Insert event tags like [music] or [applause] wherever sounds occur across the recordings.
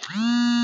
theory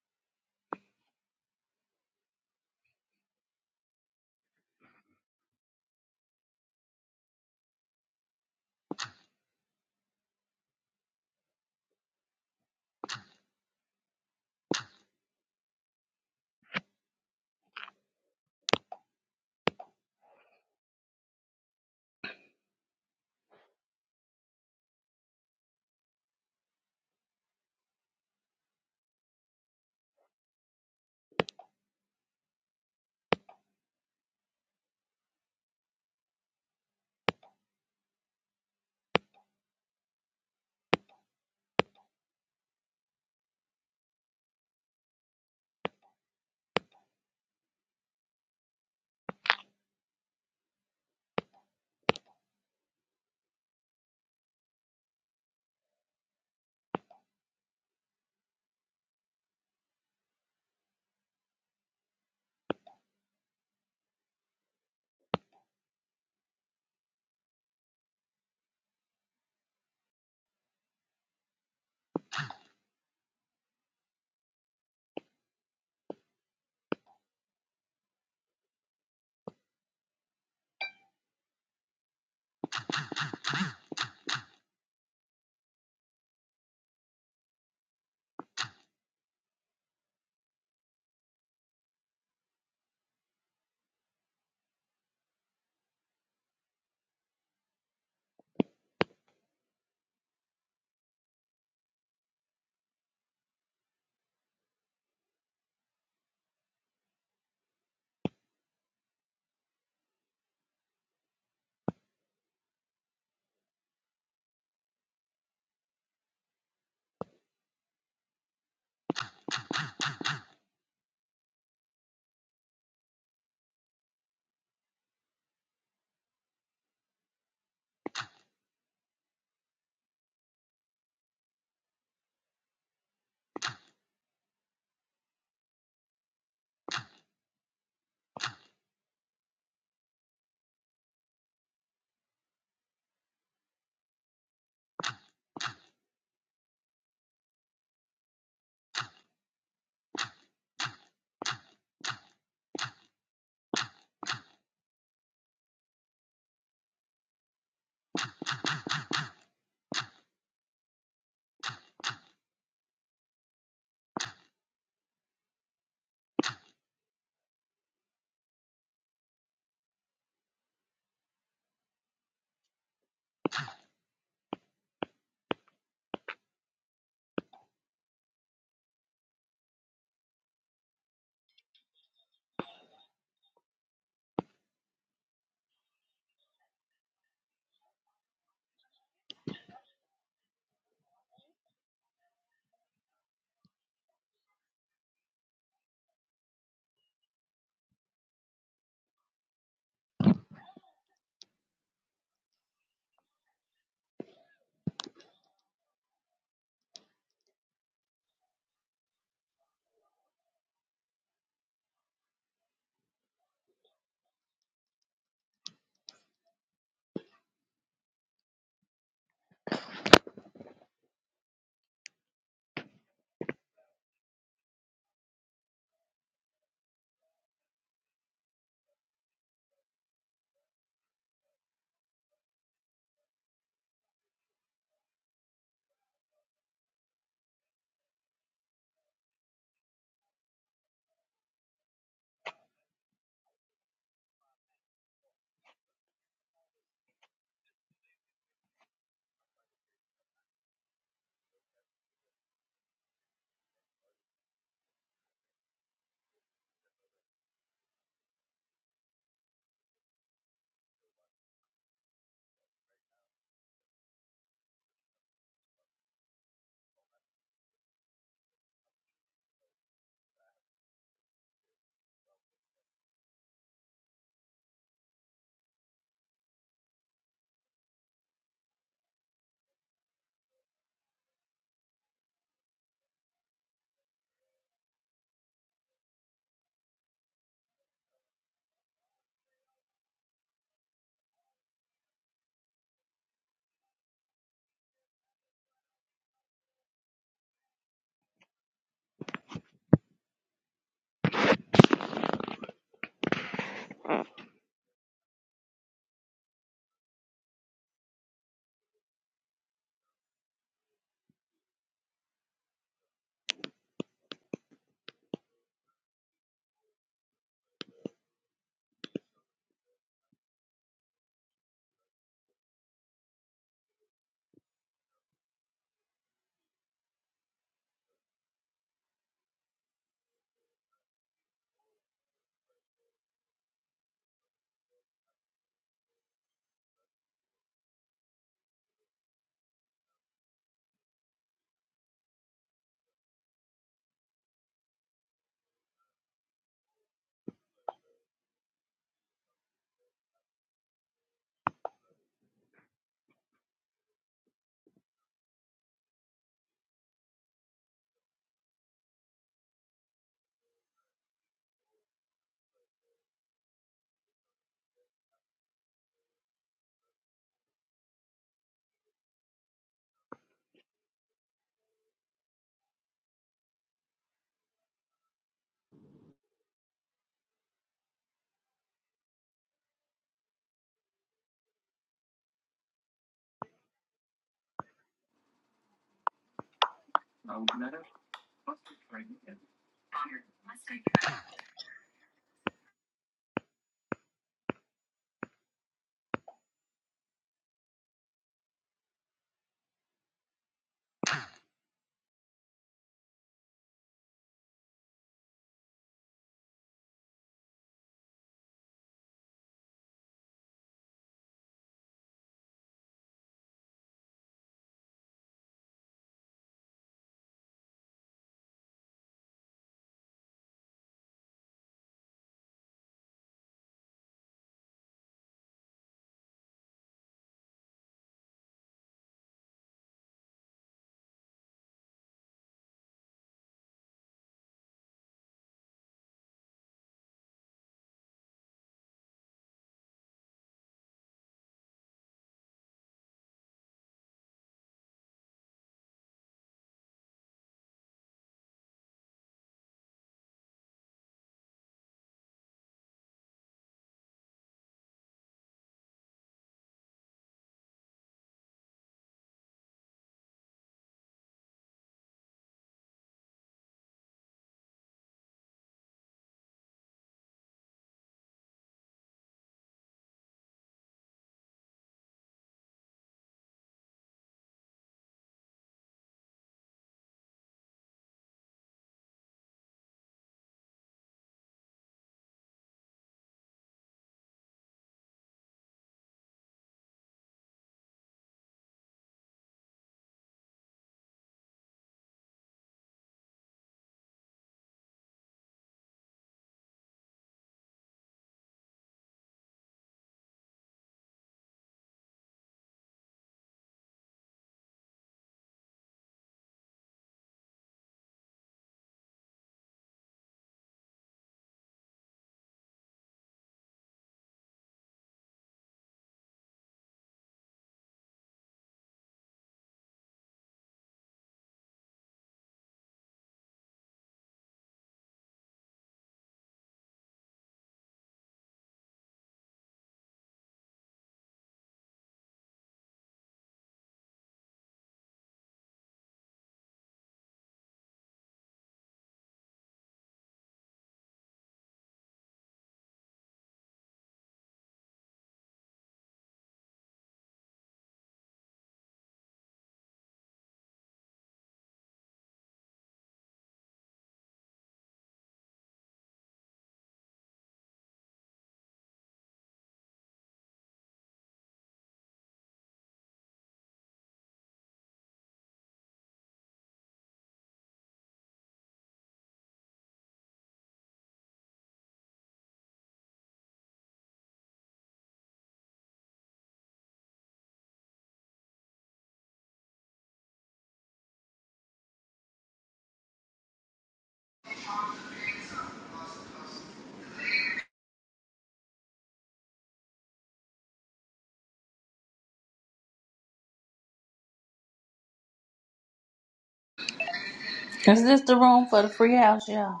Is this the room for the free house, y'all?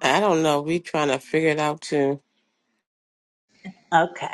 I don't know. We trying to figure it out too. Okay.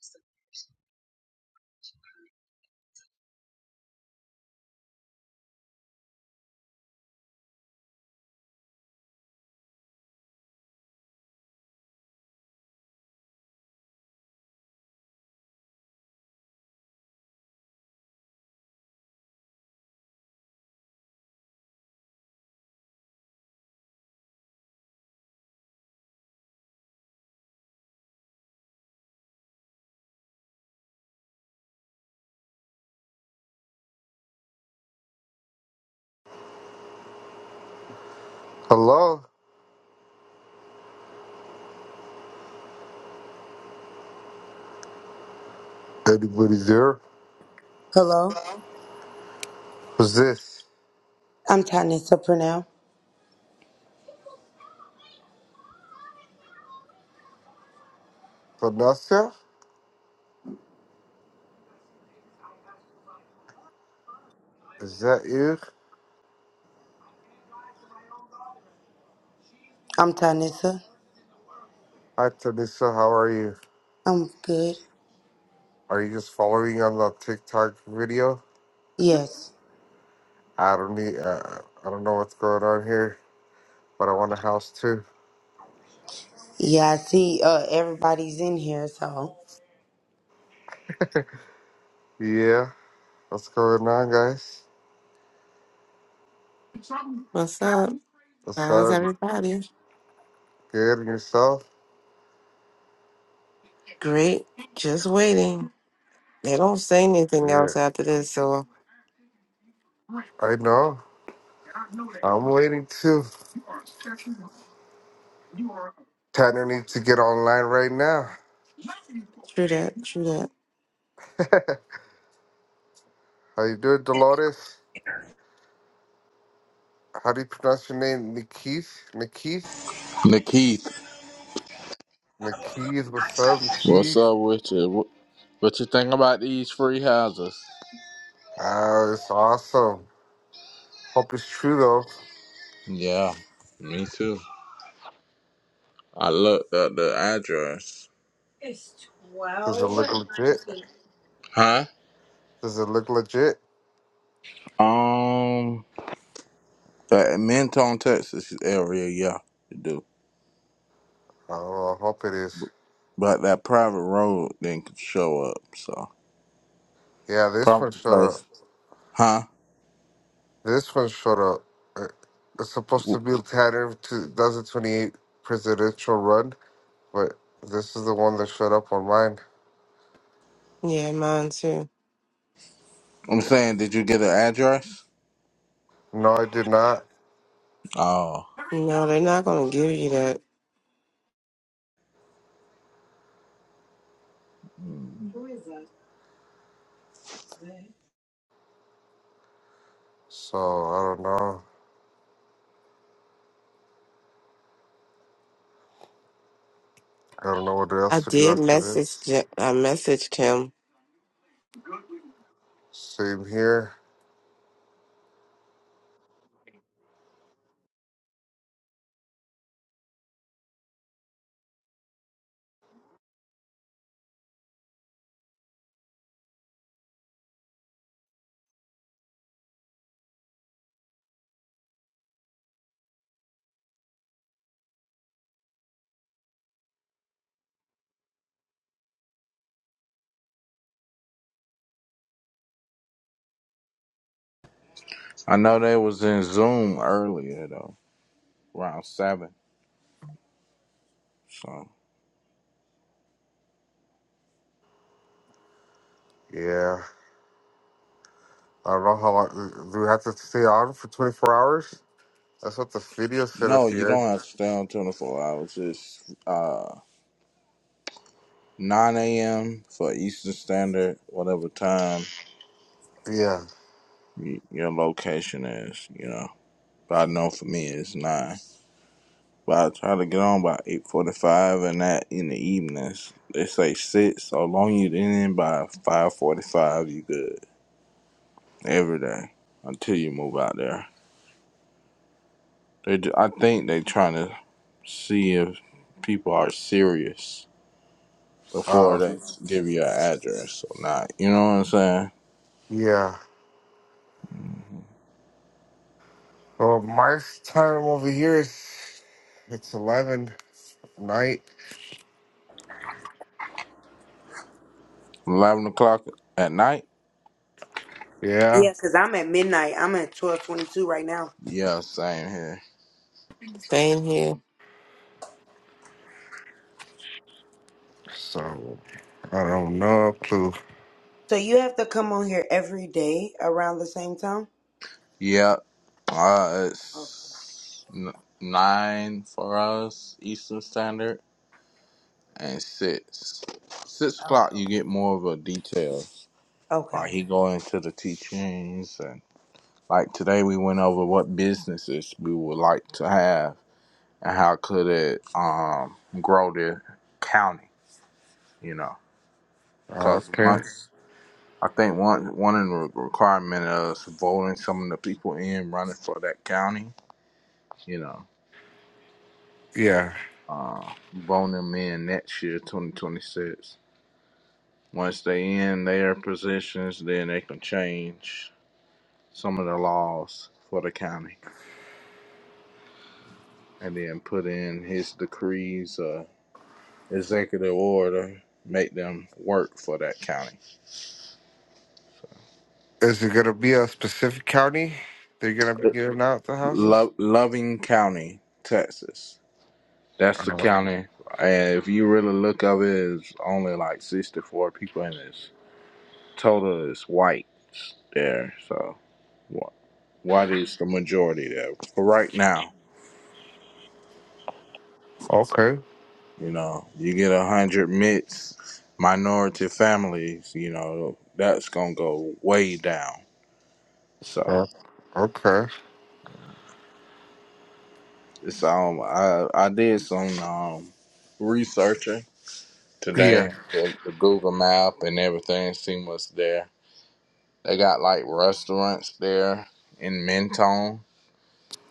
So. Hello, anybody there? Hello, Who's this? I'm Tanissa Purnell. Tanasha? Is that you? I'm Tanissa. Hi, Tanisha. How are you? I'm good. Are you just following on the TikTok video? Yes. I don't need. Uh, I don't know what's going on here, but I want a house too. Yeah, I see uh, everybody's in here, so. Yeah, what's going on, guys? What's up? What's How's up? everybody? Good and yourself? Great. Just waiting. They don't say anything else Yes. after this, so I know. I'm waiting too. Tanner needs to get online right now. true that, true that. [laughs] How you doing, Dolores? How do you pronounce your name? Nikith? Nikith? Nikith, McKeith, what's up, what's McKeith? up with you? What, what you think about these free houses? Uh, it's awesome. Hope it's true though. Yeah, me too. I looked at the address. Does it look legit? Huh? Does it look legit? Um, that Menton, Texas area, yeah, you do. I don't know. I hope it is. But that private road didn't show up, so Yeah, this probably one showed up. because, huh? This one showed up. Uh, It's supposed to W- be a pattern of 2028 presidential run, but this is the one that showed up on mine. Yeah, mine too. I'm saying, did you get an address? No, I did not. Oh, No, they're not gonna give you that. So I don't know. I don't know what I else to do did after message. this. Je- I messaged him Same here. I know they was in Zoom earlier though, around seven. So Yeah. I don't know how long. Do we have to stay on for 24 hours? That's what the video said at no, you the don't have to stay on 24 hours. It's uh. 9 a.m. for Eastern Standard, whatever time end. Yeah. y- your location is, you know. But I know for me it's 9. But I try to get on by 8.45 and that in the evenings. They say 6, so long you didn't end by 5.45, you good every day until you move out there. They, ju- I think they trying to see if people are serious before Uh, they give you an address or not. You know what I'm saying? yeah. Well, my time over here is it's eleven at night. 11 o'clock at night Yeah. Yeah, because I'm at midnight. I'm at 1222 right now. Yeah, same here. saying here. So I don't know a clue. So you have to come on here every day around the same time? Yep. Uh, Oh, it's n- nine for us Eastern Standard, and six. Six oh, o'clock, you get more of a detail. Like okay. he go into the teachings, and like today we went over what businesses we would like to have and how could it um grow the county. You know, Uh, because okay. once. I think one one of the requirement is voting some of the people in running for that county, you know. Yeah. uh, bone them in next year, 2026. Once they in their positions, then they can change some of the laws for the county and then put in his decrees, uh, executive order, make them work for that county. Is it gonna be a specific county? They're gonna be giving out the houses. Lo- Loving County, Texas. That's the Uh, county. And if you really look of it, it's only like 64 people in it. Total is whites there, so. what is the majority there for right now okay. you know you get a hundred mixed minority families you know that's gonna go way down so Uh, okay. it's um i i did some um researching Yeah. today the, the google map and everything seen what's there they got like restaurants there in Mentone.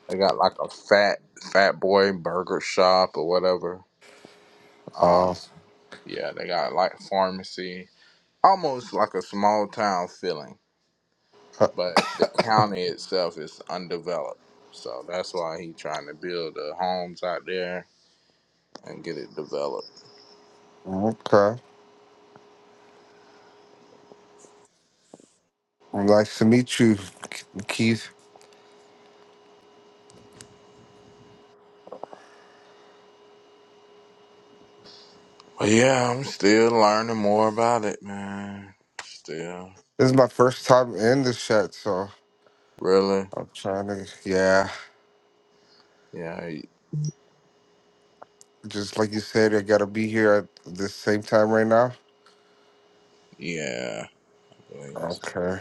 they got like a fat fat boy burger shop or whatever um Uh, yeah they got like pharmacy almost like a small town feeling, but the county itself is undeveloped. So that's why he trying to build the homes out there and get it developed. okay. Nice to meet you, Keith. But yeah, I'm still learning more about it, man. Still, This is my first time in this chat, so really, I'm trying to. Yeah. yeah, Just like you said, I gotta be here at the same time right now. yeah. Please. Okay,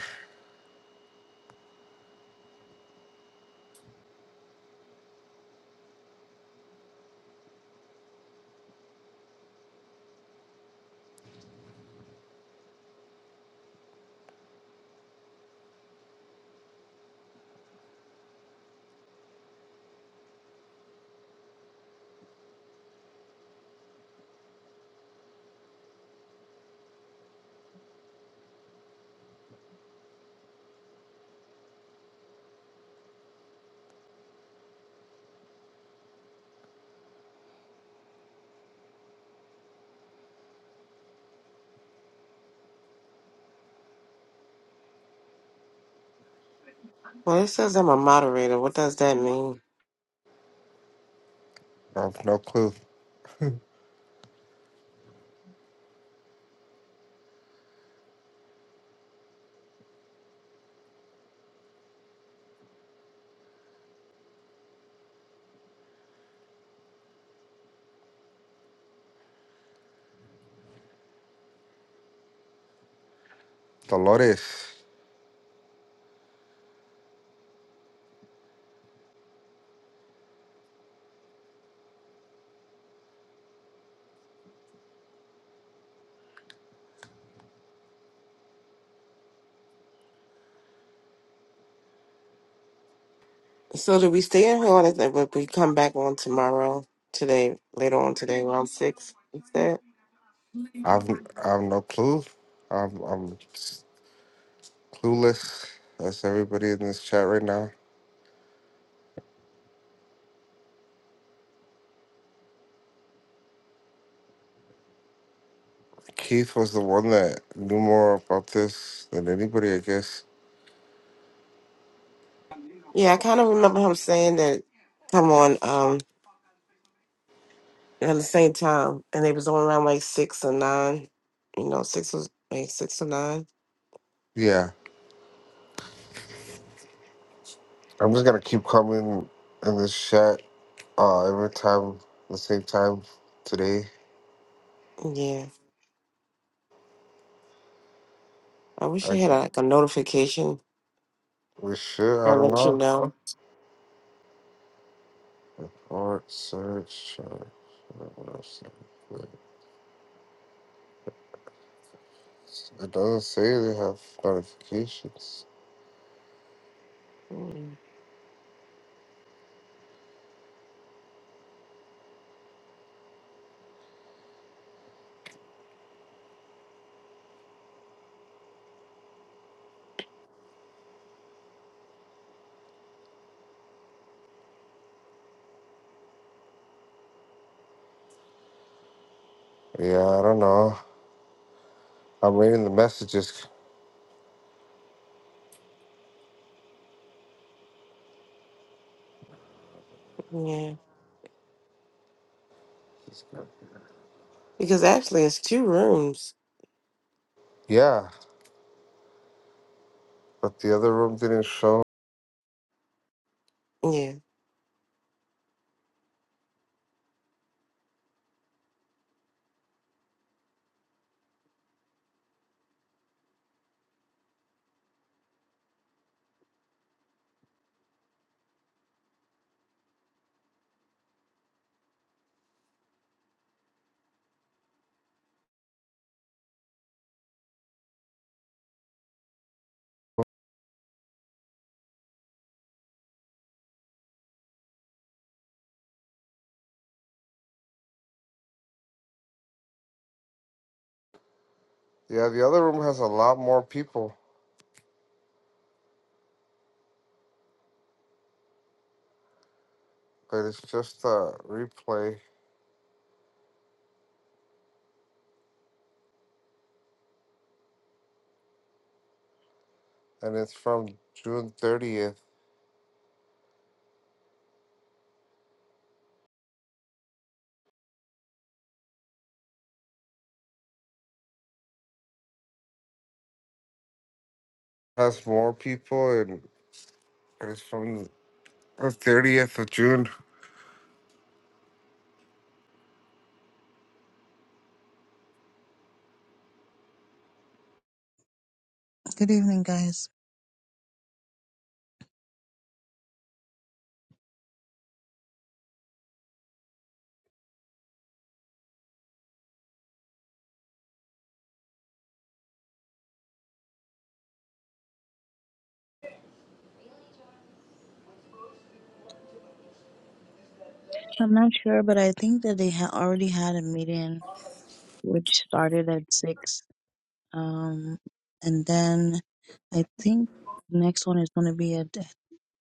Well, it says I'm a moderator. What does that mean? I have no clue. [laughs] Dolores, So do we stay in here or is it- would we come back on tomorrow? Today, later on today, around six. Is that? I've I've no clue. I'm I'm clueless. That's everybody in this chat right now. Keith was the one that knew more about this than anybody, I guess. Yeah, I kind of remember him saying that. Come on, um, at the same time, and they was on around like six or nine. You know, six was like six or nine. Yeah, I'm just gonna keep coming in this chat uh, every time, the same time today. Yeah, I wish I I had think like a notification we should. I to don't let you know. know. Art search. uh, what else? It doesn't say they have notifications. Mm, Yeah, I don't know. I'm reading the messages. Yeah, because actually it's two rooms. Yeah, but the other room didn't show. Yeah. Yeah, the other room has a lot more people, but it's just a replay, and it's from June 30th. Has more people, and it's from the 30th of June. Good evening, guys. I'm not sure, but I think that they had already had a meeting which started at six. Um, and then I think the next one is going to be at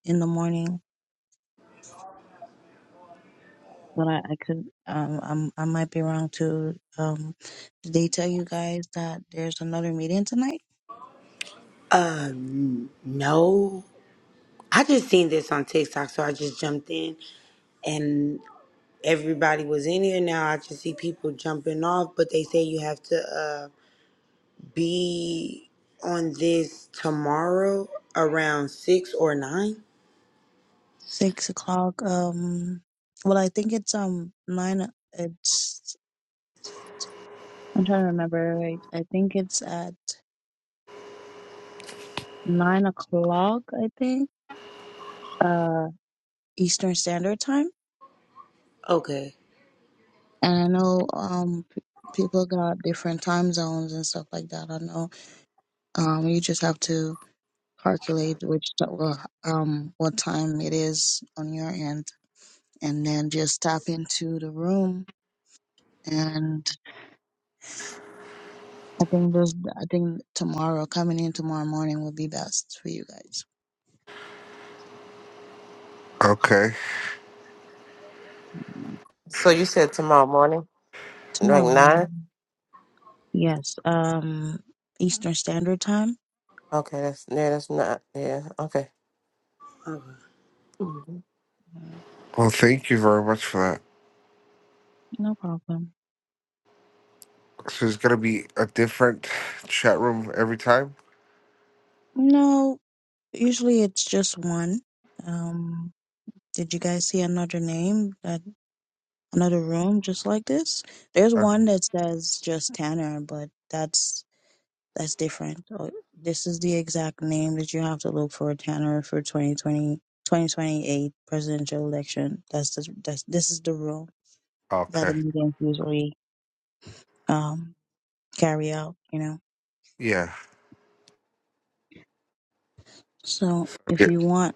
in the morning, but I, I could, um, I'm, I might be wrong too. Um, did they tell you guys that there's another meeting tonight? Um, no. I just seen this on TikTok, so I just jumped in and everybody was in here now. I just see people jumping off, but they say you have to. uh be on this tomorrow around six or nine? Six o'clock. Um, well, I think it's, um, nine, o- it's, I'm trying to remember, right? I think it's at nine o'clock, I think. uh, Eastern Standard Time. Okay. And I know um, p- people got different time zones and stuff like that. I know um, you just have to calculate which t- well, um, what time it is on your end, and then just tap into the room. And I think there's I think tomorrow coming in tomorrow morning will be best for you guys. Okay. So you said tomorrow morning, like Tomorrow nine? morning, yes, um, Eastern Standard Time. Okay, that's yeah, that's not yeah. Okay. Okay. hmm Well, thank you very much for that. No problem. So it's gonna be a different chat room every time. No, usually it's just one. Um, did you guys see another name that another room just like this? There's Uh, one that says just Tanner, but that's that's different. Oh, This is the exact name that you have to look for Tanner for 2020 2028 presidential election. That's the, that's this is the rule that okay. the meetings usually um carry out. You know, Yeah. so if yeah. you want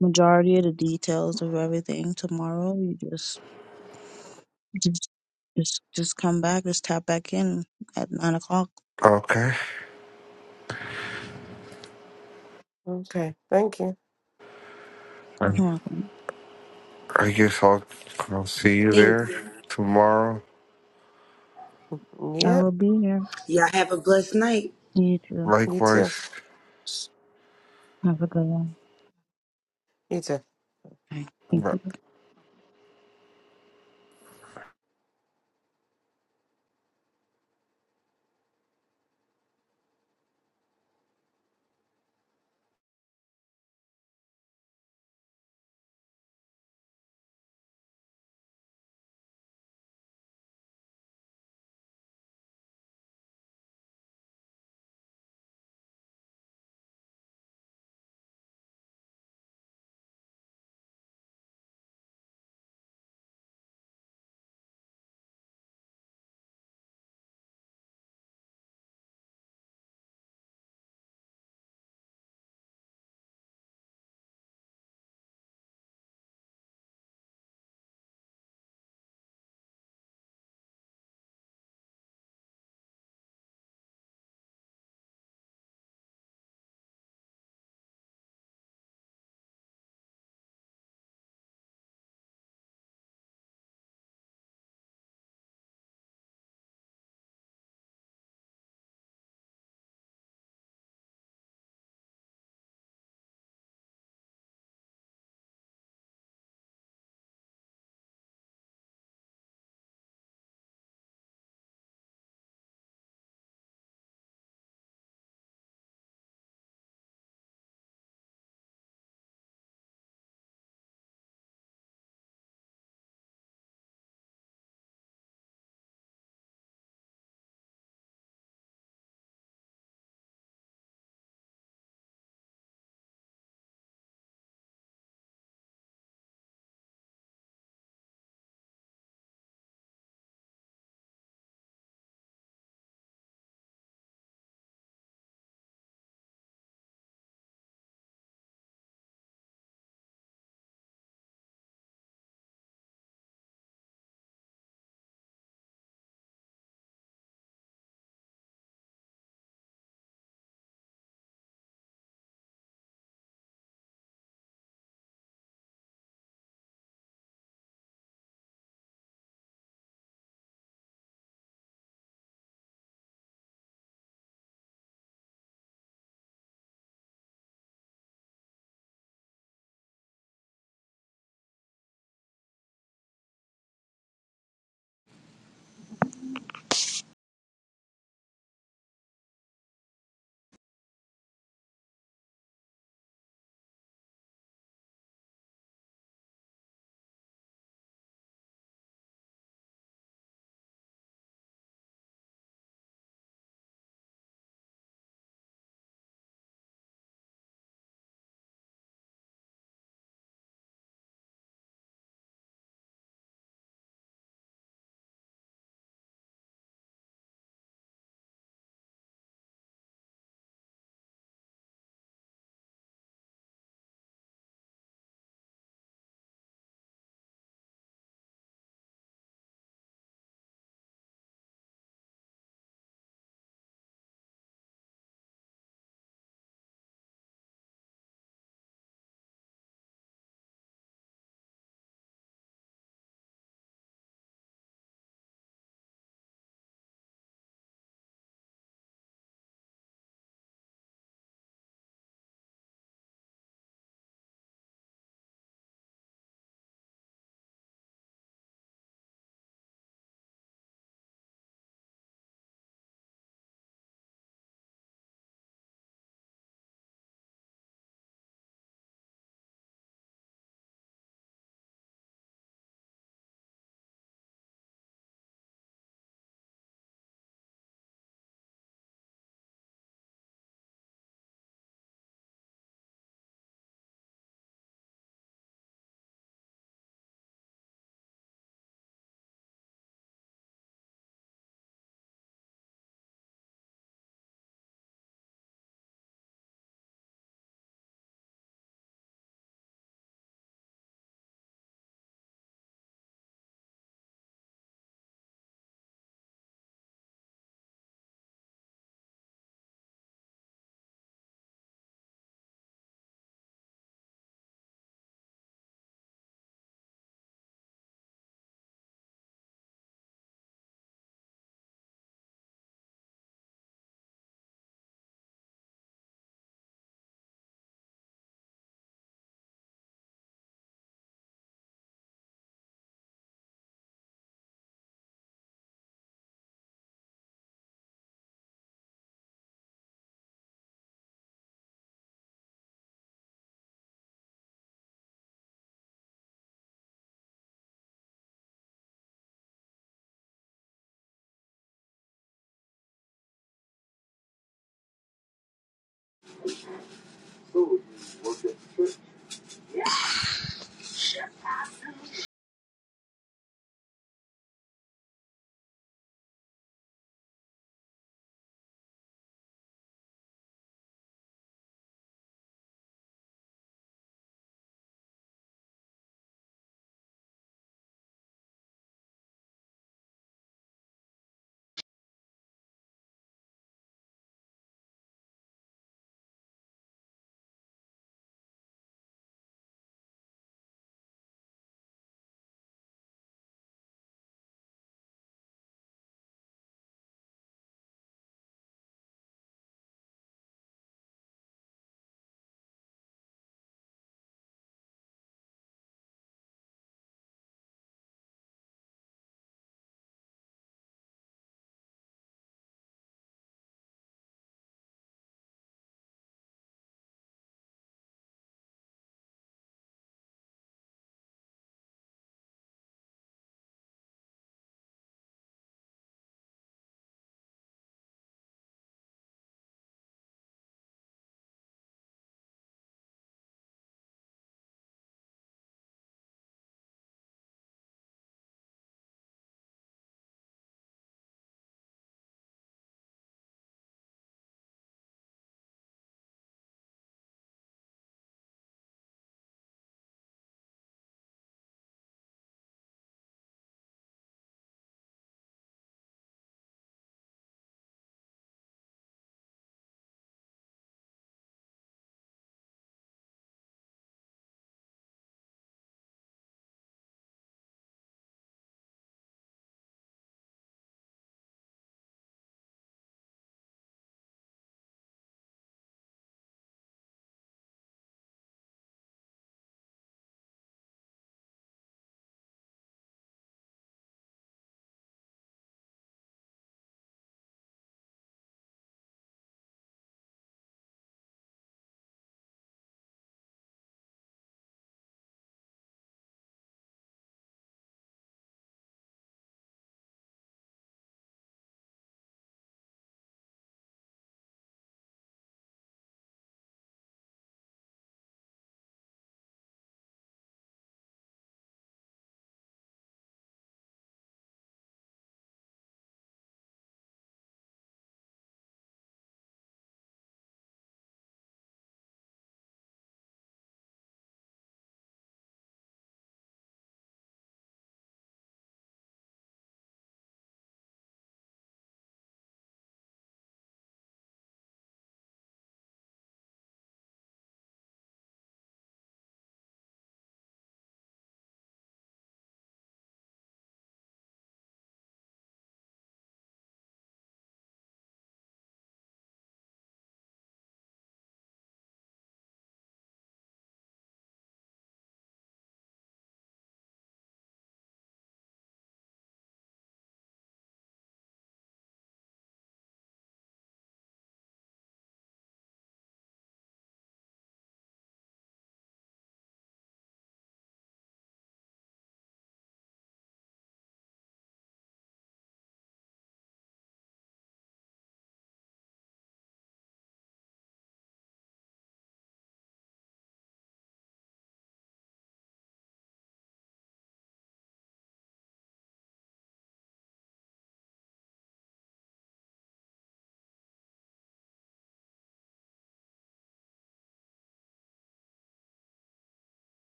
majority of the details of everything tomorrow, you just Just, just, just come back. Just tap back in at nine o'clock. Okay. Okay. Thank you. I You're welcome. I guess I'll I'll see you Thank there you. tomorrow. I Yep. will be here. Y'all have a blessed night. You too. You too. Likewise. Have a good one. You too. Bye. Thank you.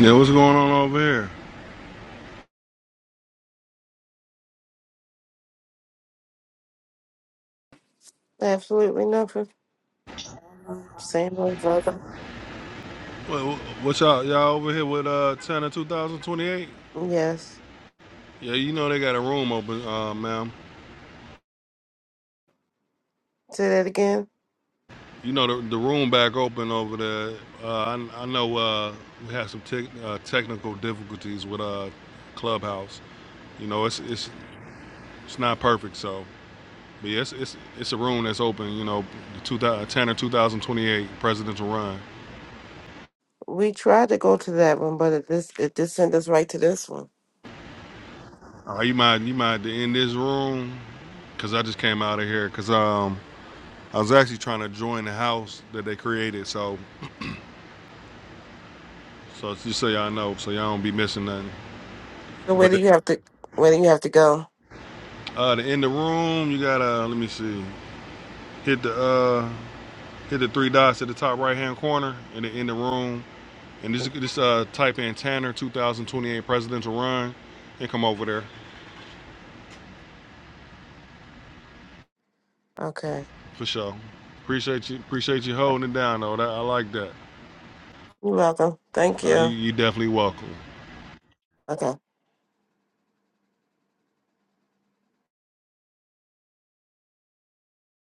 Yeah, what's going on over here? Absolutely nothing. Same old brother. What, what y'all y'all over here with uh China 2028? Yes. Yeah, you know they got a room open, uh, ma'am. Say that again. You know the, the room back open over there. Uh, I, I know uh, we had some tech uh, technical difficulties with uh Clubhouse. You know it's it's it's not perfect, so but yeah, it's it's, it's a room that's open. You know, the 2000, China 2028 presidential run. We tried to go to that one, but it just it just sent us right to this one. Uh, you mind you mind to end this room? Cause I just came out of here. Cause um I was actually trying to join the house that they created, so so just so y'all know, so y'all don't be missing nothing. So where But do you have to where do you have to go? uh, the in the room, you gotta uh, let me see, hit the uh, hit the three dots at the top right hand corner, and then in the room, and Mm. just just uh, type in Tanner 2028 presidential run, and come over there Okay. for sure. Appreciate you, appreciate you holding it down though. That I like that. You're welcome. Thank Uh, you you. you definitely welcome. Okay.